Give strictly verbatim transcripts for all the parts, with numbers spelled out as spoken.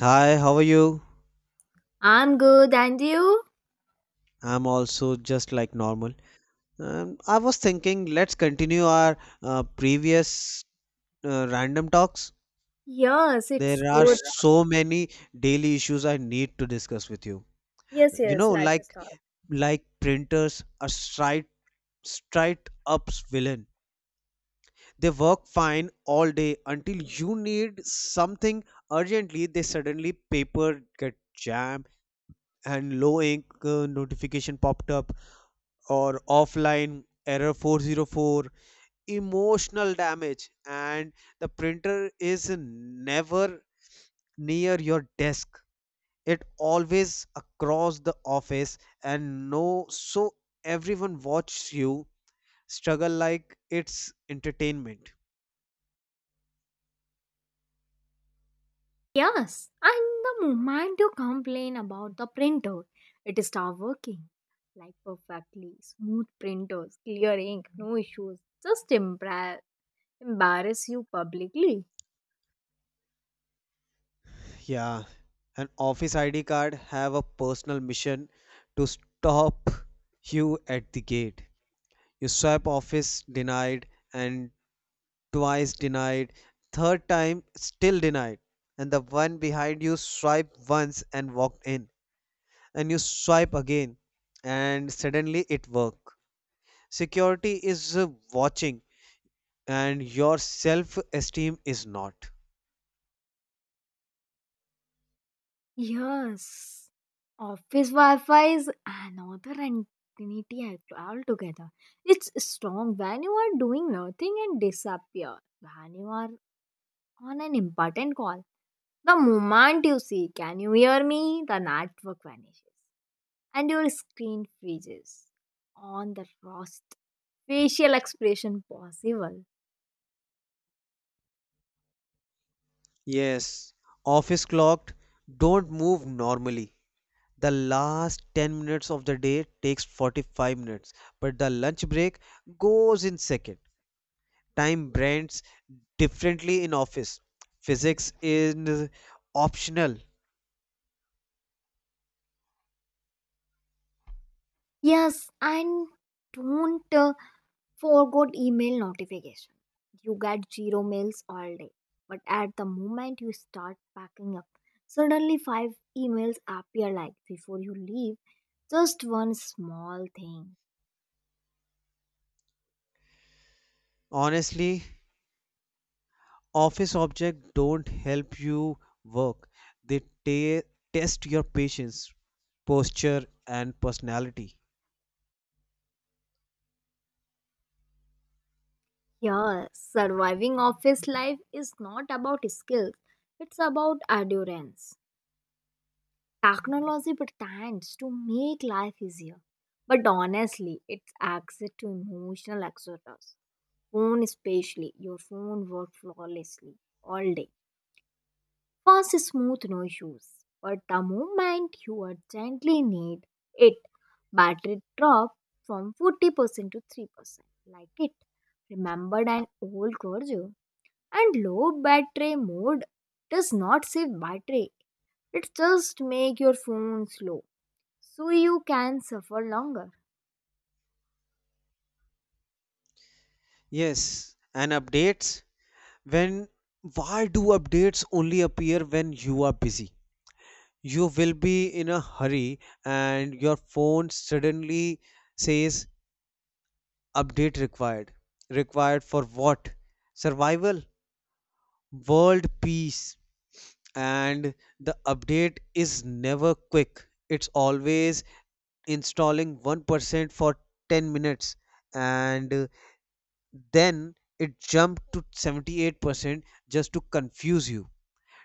Hi, how are you? I'm good, and you? I'm also just like normal. Um, I was thinking, let's continue our uh, previous uh, random talks. Yes, it's There are good. so many daily issues I need to discuss with you. Yes, You yes, know, let's like start. like printers are straight straight up's villain. They work fine all day until you need something urgently. They suddenly paper get jammed and low ink uh, notification popped up, or offline error four zero four, emotional damage. And the printer is never near your desk, it always across the office, and no, so everyone watches you struggle like it's entertainment. Yes, and the moment you complain about the printer, it start working. Like perfectly smooth printers, clear ink, no issues. Just embra- embarrass you publicly. Yeah, an office ID card have a personal mission to stop you at the gate. You swipe, office denied. And twice denied, third time still denied, and the one behind you swiped once and walked in, and you swipe again, and suddenly it worked. Security is uh, watching, and your self esteem is not. Yes, office Wi-Fi is another entity al- altogether. It's strong when you are doing nothing and disappear when you are on an important call. The moment you say, can you hear me? The network vanishes and your screen freezes on the worst facial expression possible. Yes, office clocked, don't move normally. The last ten minutes of the day takes forty-five minutes, but the lunch break goes in second. Time brands differently in office. Physics is optional. Yes, and don't uh, forget email notification. You get zero mails all day, but at the moment you start packing up, suddenly five emails appear like before you leave. Just one small thing. Honestly, office objects don't help you work. They ta- test your patience, posture, and personality. Yeah, surviving office life is not about skills, it's about endurance. Technology pretends to make life easier, but honestly, it's access to emotional exodus. Phone, especially, your phone works flawlessly all day. Fast, smooth, no issues. But the moment you urgently need it, battery drop from forty percent to three percent. Like it. Remembered an old grudge? And low battery mode does not save battery. It just make your phone slow so you can suffer longer. Yes, and updates. When Why do updates only appear when you are busy? You will be in a hurry and your phone suddenly says update required. Required for what? Survival? World peace? And the update is never quick, it's always installing one percent for ten minutes, and uh, then it jumped to seventy-eight percent, just to confuse you.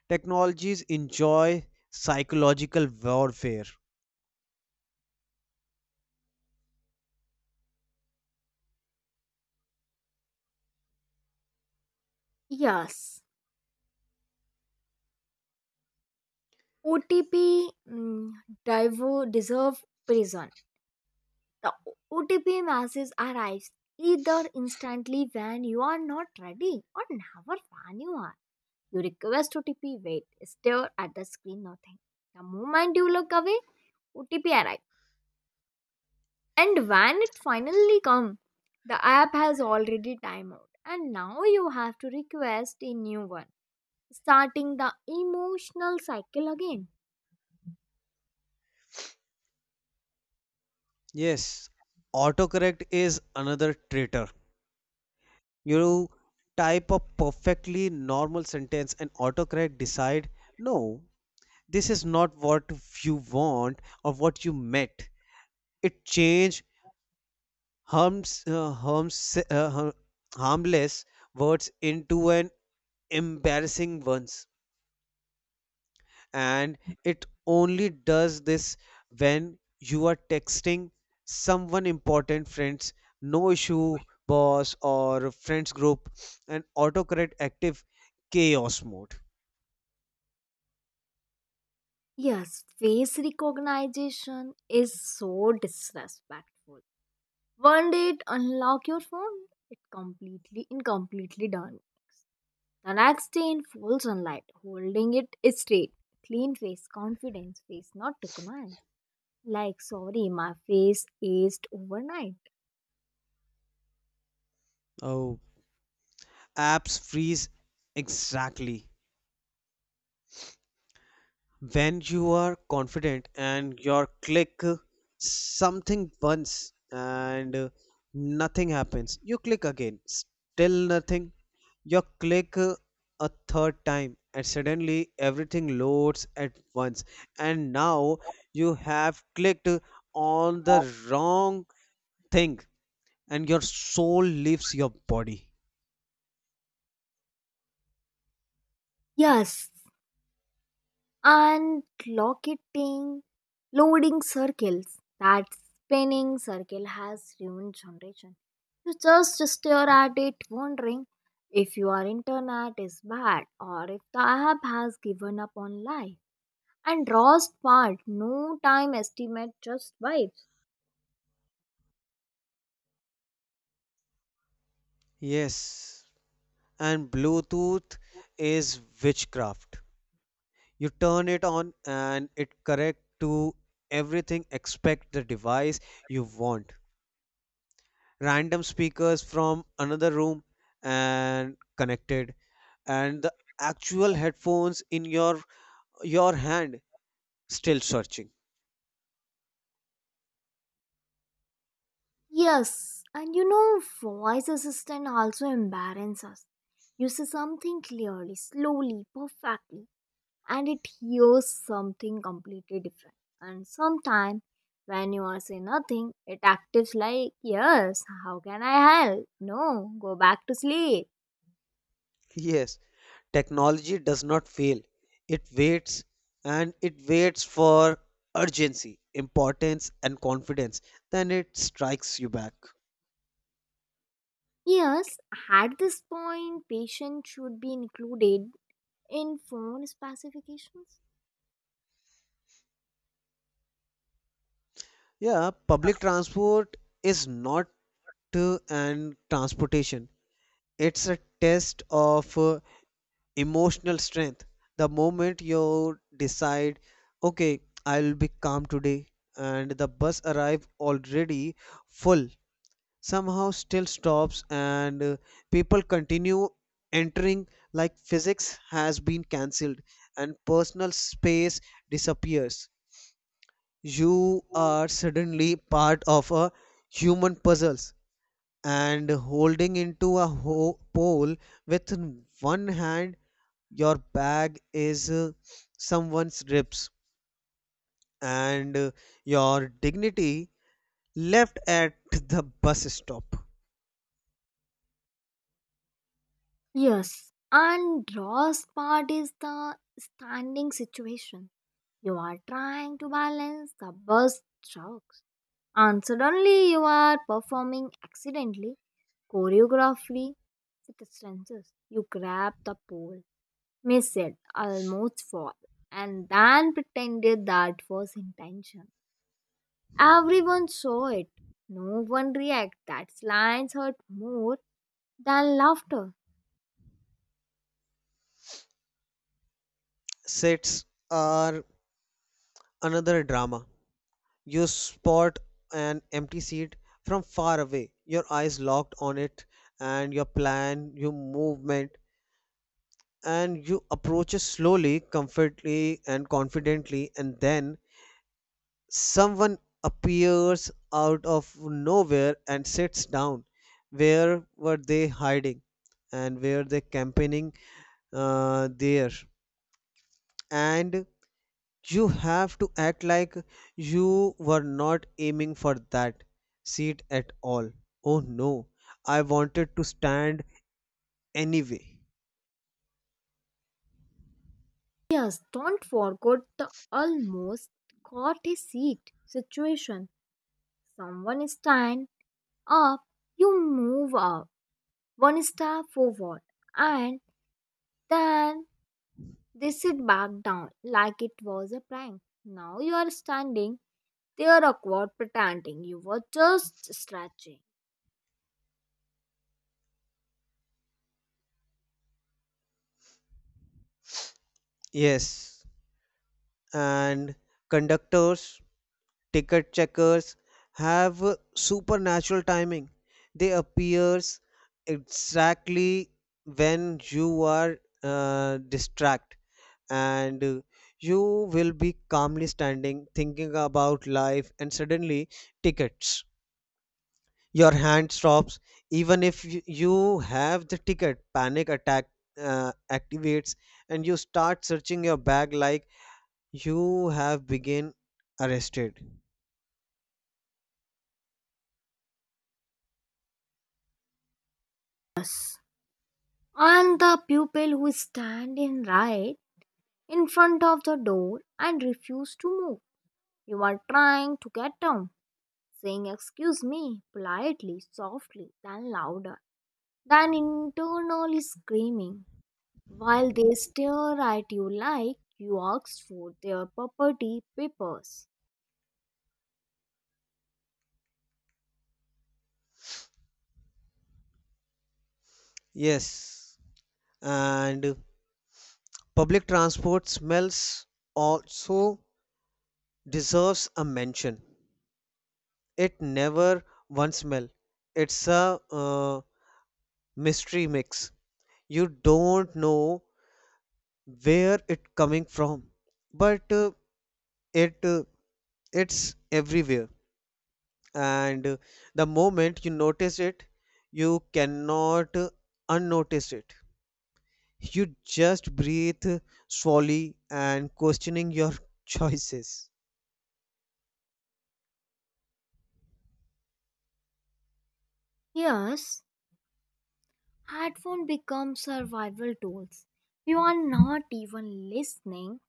Technologies enjoy psychological warfare. Yes, O T P, mm, divo deserve prison. The O T P message arrives either instantly when you are not ready or never when you are. You request O T P, wait, stare at the screen, nothing. The moment you look away, O T P arrives. And when it finally comes, the app has already time out and now you have to request a new one, starting the emotional cycle again. Yes, autocorrect is another traitor. You type a perfectly normal sentence and autocorrect decide, no, this is not what you want or what you meant. It change harms uh, harms uh, har- harmless words into an embarrassing ones. And it only does this when you are texting someone important. Friends, no issue. Boss or friends group, and autocorrect active chaos mode. Yes, face recognition is so disrespectful. One day it unlock your phone, it completely incompletely done. The next day in full sunlight, holding it straight. Clean face, confidence face, not recognized. Like sorry, my face aged overnight. Oh, apps freeze exactly. When you are confident and your click uh, something once and uh, nothing happens, you click again, still nothing. You click uh, a third time and suddenly everything loads at once. And now you have clicked on the wrong thing and your soul leaves your body. Yes, and locketing loading circles, that spinning circle has ruined generation. You just stare at it wondering if your internet is bad or if the app has given up on life. And rost part, no time estimate, just vibes. Yes. And Bluetooth is witchcraft. You turn it on and it correct to everything except the device you want. Random speakers from another room and connected, and the actual headphones in your your hand still searching. Yes, and you know voice assistant also embarrasses us. You see something clearly, slowly, perfectly, and it hears something completely different. And sometimes when you are saying nothing, it acts like, yes, how can I help? No, go back to sleep. Yes, technology does not fail. It waits, and it waits for urgency, importance and confidence. Then it strikes you back. Yes, at this point, patient should be included in phone specifications. Yeah, public transport is not uh, an transportation. It's a test of uh, emotional strength. The moment you decide, okay, I'll be calm today, and the bus arrive already full, somehow still stops, and uh, people continue entering like physics has been cancelled, and personal space disappears. You are suddenly part of a human puzzles, and holding into a ho- pole with one hand, your bag is uh, someone's ribs, and uh, your dignity left at the bus stop. Yes, and last part is the standing situation. You are trying to balance the bus trucks, and suddenly you are performing accidentally choreography, it stretches. You grab the pole, miss it, almost fall, and then pretended that was intention. Everyone saw it. No one react. That lines hurt more than laughter. Sits are another drama. You spot an empty seat from far away, your eyes locked on it, and your plan your movement, and you approach it slowly, comfortably, and confidently, and then someone appears out of nowhere and sits down. Where were they hiding, and where they campaigning uh, there? And you have to act like you were not aiming for that seat at all. Oh no, I wanted to stand anyway. Yes, don't forget the almost caught a seat situation. Someone stand up, you move up one step forward, and then they sit back down like it was a prank. Now you are standing there awkward pretending you were just stretching. Yes, and conductors, ticket checkers, have supernatural timing. They appears exactly when you are uh, distract, and uh, you will be calmly standing thinking about life, and suddenly, tickets! Your hand stops. Even if y- you have the ticket, panic attack uh, activates, and you start searching your bag like you have been arrested. Yes. And the pupil who stand in right in front of the door and refuse to move. You are trying to get down, saying excuse me politely, softly, then louder, then internally screaming while they stare at you like you asked for their property papers. Yes, and public transport smells also deserves a mention. It never one smell. It's a uh, mystery mix. You don't know where it coming from, but uh, it uh, it's everywhere. And uh, the moment you notice it, you cannot uh, unnotice it. You just breathe uh, slowly and questioning your choices. Yes, headphones become survival tools. You are not even listening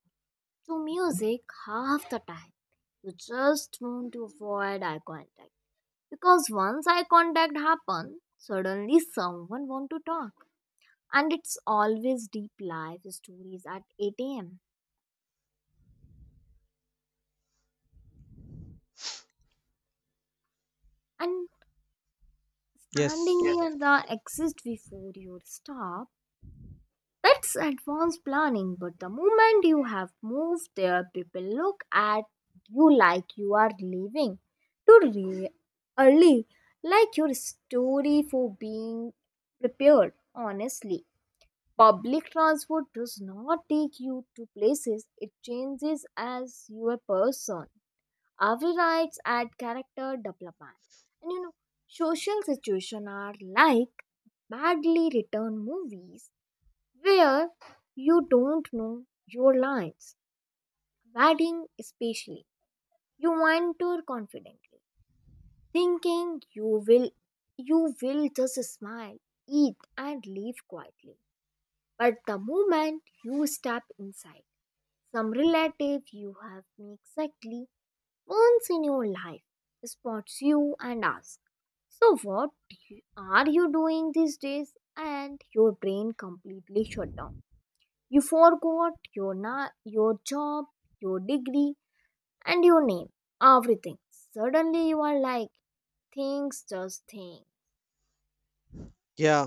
to music half the time. You just want to avoid eye contact. Because once eye contact happens, suddenly someone wants to talk. And it's always deep life stories at eight a m. And standing, yeah, Yes. near the exit before you stop. That's advanced planning, but the moment you have moved there, people look at you like you are leaving too re- early, like your story for being prepared. Honestly, public transport does not take you to places, it changes as you a person. Every rides add character development. And you know, social situations are like badly written movies where you don't know your lines. Wedding, especially, you wander confidently, thinking you will you will just smile, eat, and leave quietly. But the moment you step inside, some relative you have met exactly once in your life spots you and asks, "So what do you- are you doing these days?" And your brain completely shut down. You forgot your na- your job, your degree, and your name. Everything. Suddenly you are like things just thing. Yeah.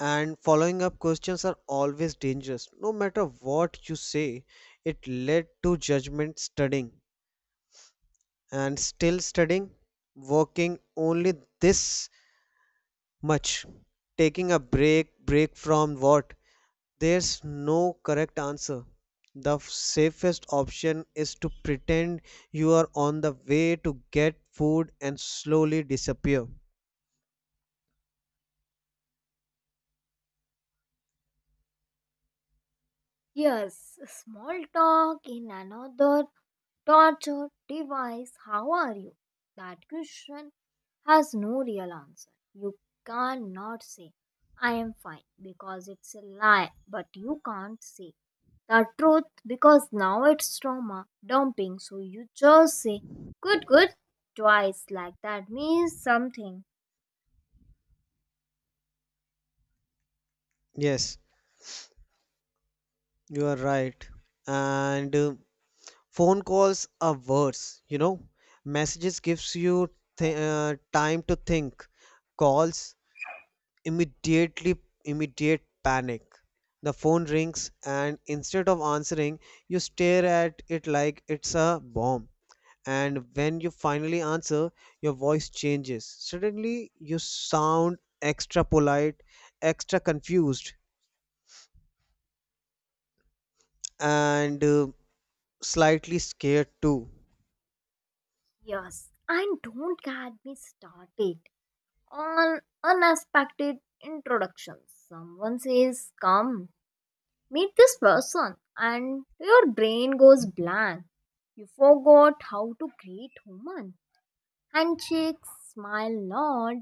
And following up questions are always dangerous. No matter what you say, it led to judgment. Studying and still studying, working only this much, taking a break, break from what? There's no correct answer. The f- safest option is to pretend you are on the way to get food and slowly disappear. Yes, small talk in another torture device, how are you? That question has no real answer. You cannot say, I am fine, because it's a lie, but you can't say the truth because now it's trauma dumping, so you just say, good, good, twice, like that means something. Yes, you are right. And uh, phone calls are worse, you know. Messages gives you th- uh, time to think. Calls, immediately immediate panic. The phone rings and instead of answering you stare at it like it's a bomb. And when you finally answer your voice changes, suddenly you sound extra polite, extra confused, and uh, slightly scared too. Yes, and don't get me started on unexpected introductions. Someone says, come meet this person, and your brain goes blank. You forgot how to greet human. Handshake, smile, nod,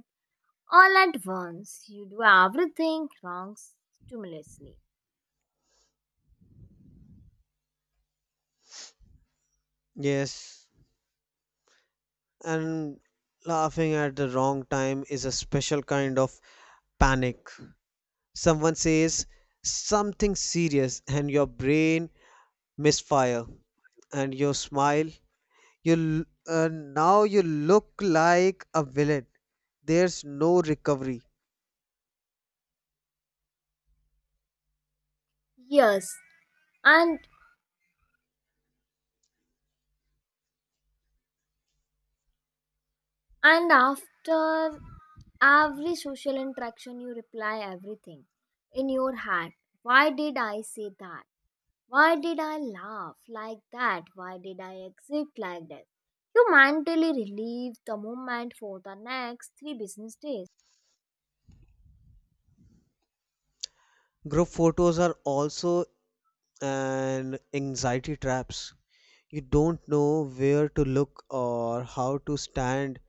all at once. You do everything wrong stimulously. Yes. And laughing at the wrong time is a special kind of panic. Someone says something serious, and your brain misfire, and your smile. You l- uh, now you look like a villain. There's no recovery. Yes, and and after every social interaction you reply everything in your head. Why did I say that? Why did I laugh like that? Why did I exit like that? You mentally relieve the moment for the next three business days. Group photos are also an anxiety traps. You don't know where to look or how to stand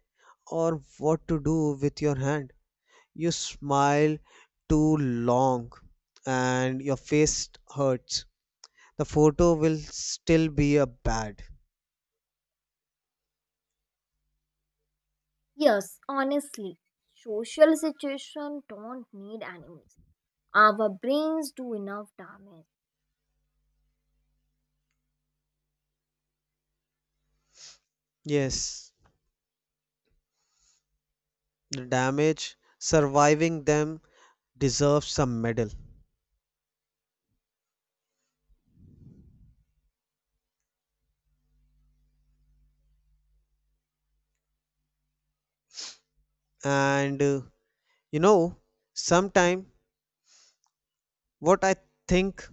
or what to do with your hand. You smile too long and your face hurts. The photo will still be a bad. Yes, honestly, social situations don't need enemies. Our brains do enough damage. Yes, the damage surviving them deserves some medal. And uh, you know, sometime what I think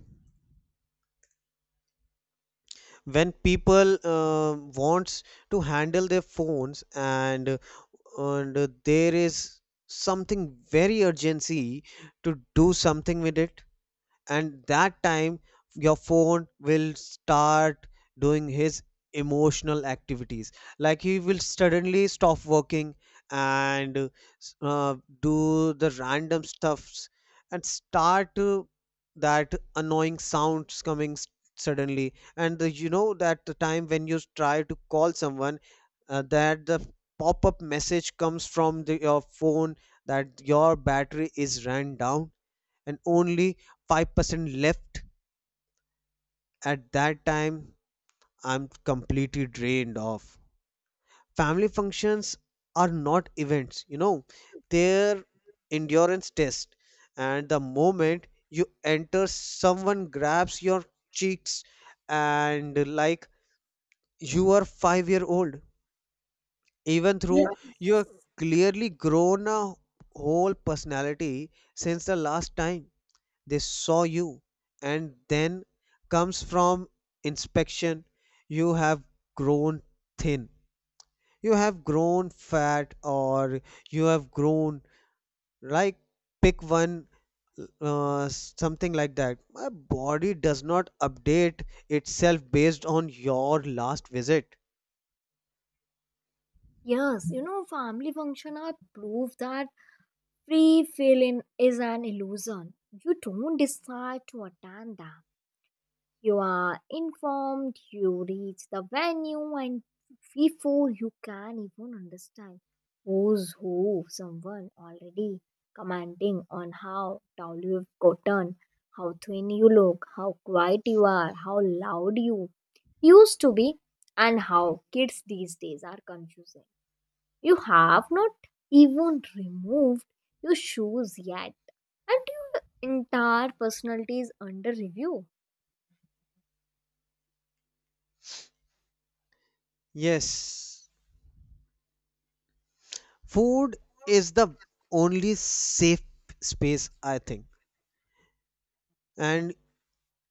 when people uh, wants to handle their phones, and and there is something very urgency to do something with it, and that time your phone will start doing his emotional activities, like he will suddenly stop working and uh, do the random stuffs and start uh, that annoying sounds coming s- suddenly. And the, you know that the time when you try to call someone uh, that the pop-up message comes from the, your phone, that your battery is ran down and only five percent left. At that time I'm completely drained off. Family functions are not events, you know they're endurance test. And the moment you enter, someone grabs your cheeks, and like you are five-year-old, even though you are Yes. clearly grown a whole personality since the last time they saw you. And then comes from inspection. You have grown thin, you have grown fat, or you have grown, like, pick one, uh, something like that. My body does not update itself based on your last visit. Yes, you know, family function are proof that free feeling is an illusion. You don't decide to attend them. You are informed, you reach the venue, and before you can even understand who's who, someone already commenting on how tall you've gotten, how thin you look, how quiet you are, how loud you used to be, and how kids these days are confusing. You have not even removed your shoes yet, and your entire personality is under review. Yes, food is the only safe space I think. And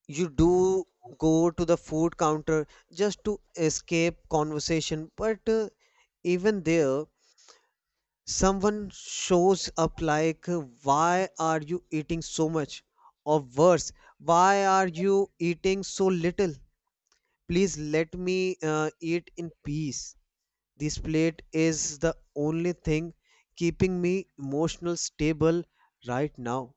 you do go to the food counter just to escape conversation, but uh, even there, someone shows up like, uh, why are you eating so much, or worse, why are you eating so little? Please let me uh, eat in peace. This plate is the only thing keeping me emotional stable right now.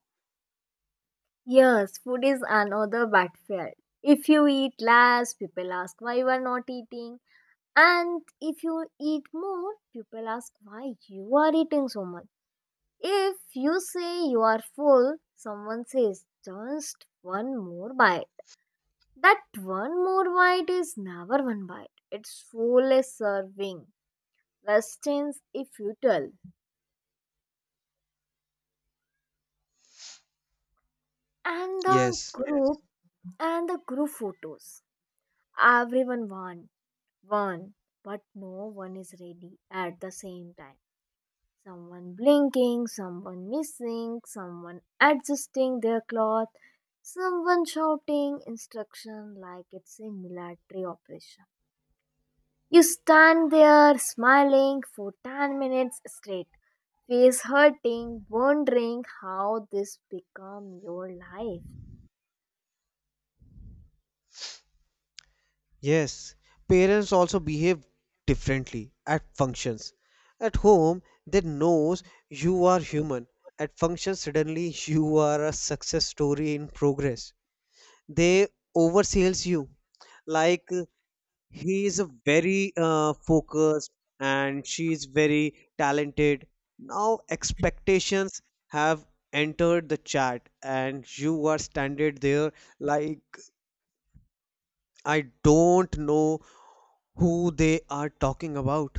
Yes, food is another battlefield. If you eat less, people ask why you are not eating. And if you eat more, people ask why you are eating so much. If you say you are full, someone says just one more bite. That one more bite is never one bite. It's full a serving. Restaurants if you tell. And the, yes, Yes. group and the group photos. Everyone wants one, but no one is ready at the same time. Someone blinking, someone missing, someone adjusting their cloth, someone shouting instruction like it's a military operation. You stand there smiling for ten minutes straight, face hurting, wondering how this become your life. Yes, parents also behave differently at functions. At home, they knows you are human. At functions, suddenly you are a success story in progress. They oversales you, like uh, he is a very uh, focused, and she is very talented. Now expectations have entered the chat, and you are standing there like, I don't know who they are talking about.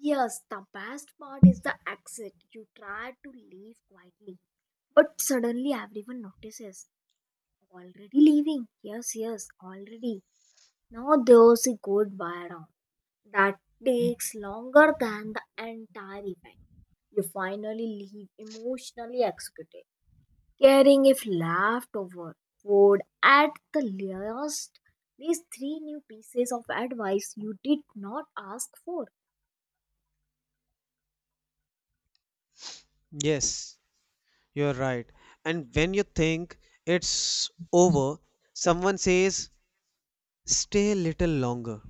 Yes, the best part is the exit. You try to leave quietly, but suddenly everyone notices. Already leaving? Yes, yes, already. Now there's a goodbye round that takes longer than the entire event. You finally leave emotionally executed, carrying if leftover food at the last least three new pieces of advice you did not ask for. Yes, you're right. And when you think it's over, someone says, stay a little longer.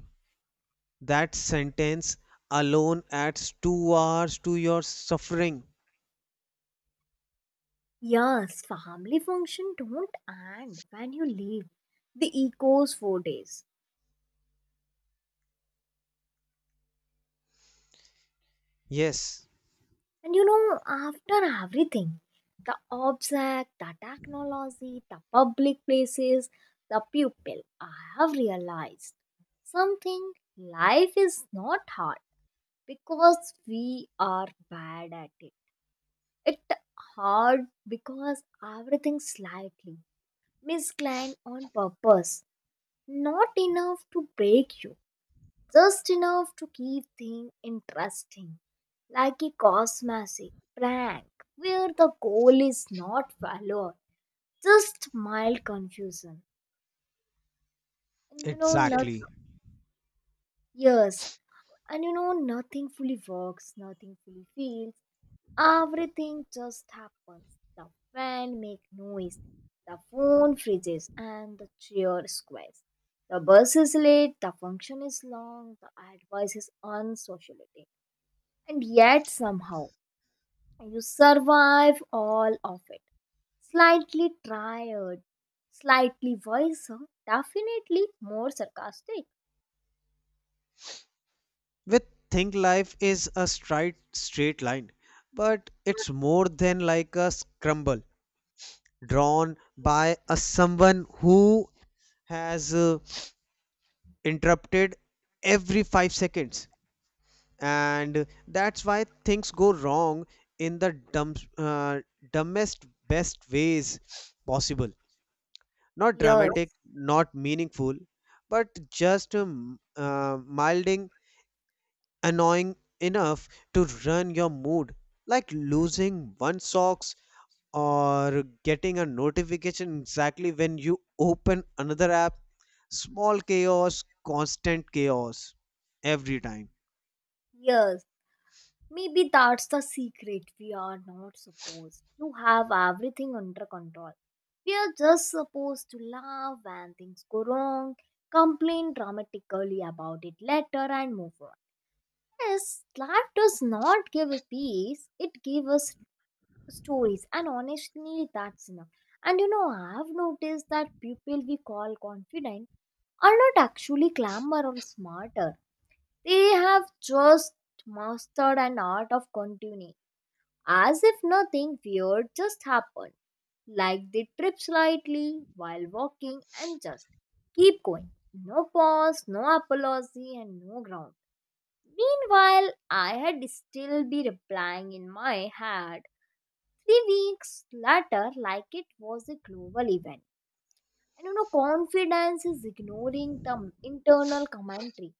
That sentence alone adds two hours to your suffering. Yes, family function don't end when you leave. The echoes for days. Yes, And you know, after everything, the object, the technology, the public places, the people, I have realized something. Life is not hard because we are bad at it. It hard because everything slightly misplanned on purpose, not enough to break you, just enough to keep things interesting, like a cosmetic prank where the goal is not valor, just mild confusion. And you know, nothing. exactly. Yes, and you know, nothing fully works, nothing fully feels, everything just happens. The fan make noise, the phone freezes, and the chair squares. The bus is late, the function is long, the advice is unsociable, and yet somehow you survive all of it. Slightly tired, slightly wiser, definitely more sarcastic. With think life is a straight, straight line, but it's more than like a scramble drawn by a someone who has uh, interrupted every five seconds, and that's why things go wrong in the dumb, uh, dumbest best ways possible. Not Yes, dramatic, not meaningful, but just um, uh, milding annoying enough to ruin your mood, like losing one sock or getting a notification exactly when you open another app. Small chaos, constant chaos every time. yes, maybe that's the secret. We are not supposed to have everything under control. We are just supposed to laugh when things go wrong, complain dramatically about it later, and move on. Yes, life does not give us peace, it gives us stories, and honestly that's enough. And you know I've noticed that people we call confident are not actually clamor or smarter. They have just mastered an art of continuing as if nothing weird just happened. Like they trip slightly while walking and just keep going. No pause, no apology, and no ground. Meanwhile, I had still be replying in my head. Three weeks later, like it was a global event. And you know, confidence is ignoring the internal commentary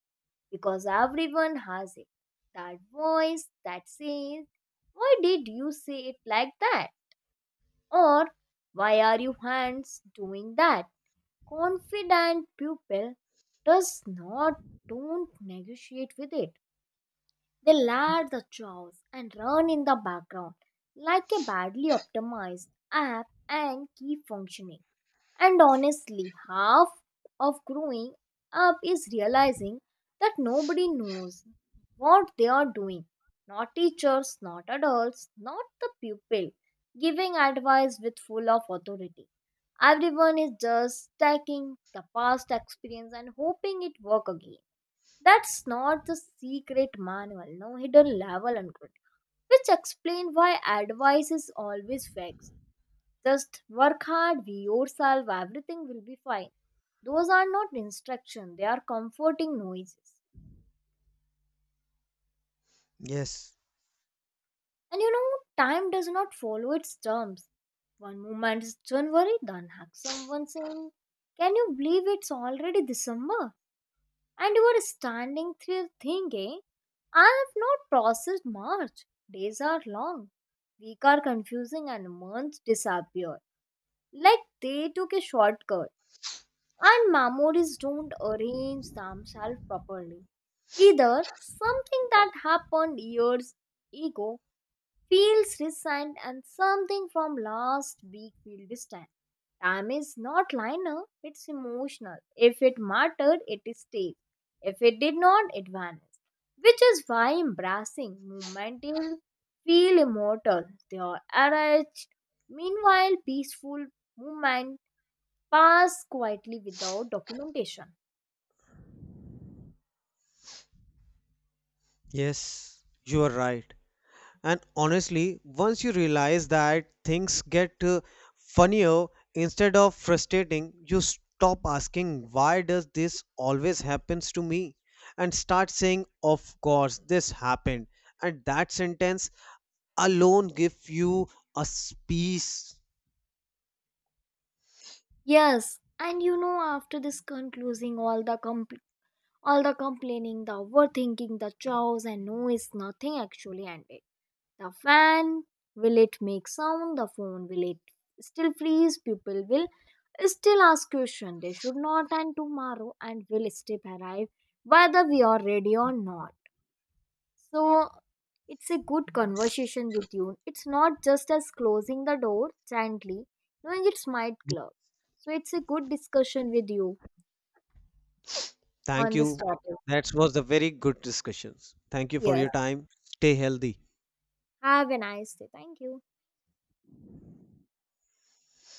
because everyone has it. That voice that says, why did you say it like that? Or why are you hands doing that? Confident pupil does not don't negotiate with it. They lap the chores and run in the background like a badly optimized app and keep functioning. And honestly, half of growing up is realizing that nobody knows what they are doing. Not teachers, not adults, not the pupil giving advice with full of authority. Everyone is just taking the past experience and hoping it work again. That's not the secret manual, no hidden level, and which explain why advice is always fixed. Just work hard, be yourself, everything will be fine. Those are not instruction, they are comforting noises. Yes, And you know, time does not follow its terms. One moment is January, the next someone saying, can you believe it's already December? And you are standing there thinking, I have not processed March. Days are long, weeks are confusing, and months disappear. Like they took a shortcut, and memories don't arrange themselves properly. Either something that happened years ago feels recent, and something from last week feels distant. Time is not linear, it's emotional. If it mattered, it stayed. If it did not, it vanished. Which is why embracing movement is feel immortal. They are arranged. Meanwhile, peaceful movement pass quietly without documentation. yes, you are right. And honestly, once you realize that things get uh, funnier instead of frustrating, you stop asking, why does this always happens to me? And start saying, of course this happened. And that sentence alone gives you a s- peace. Yes, and you know, after this concluding, all the compl- all the complaining, the overthinking, the chows, and no is nothing actually ended. The fan will it make sound? The phone will it still freeze? People will still ask question. They should not end tomorrow, and will still arrive whether we are ready or not. So it's a good conversation with you. It's not just as closing the door gently, knowing it's might close. So it's a good discussion with you Thank on this you. topic. That was a very good discussion. Thank you for Yes. your time. Stay healthy. Have a nice day. Thank you.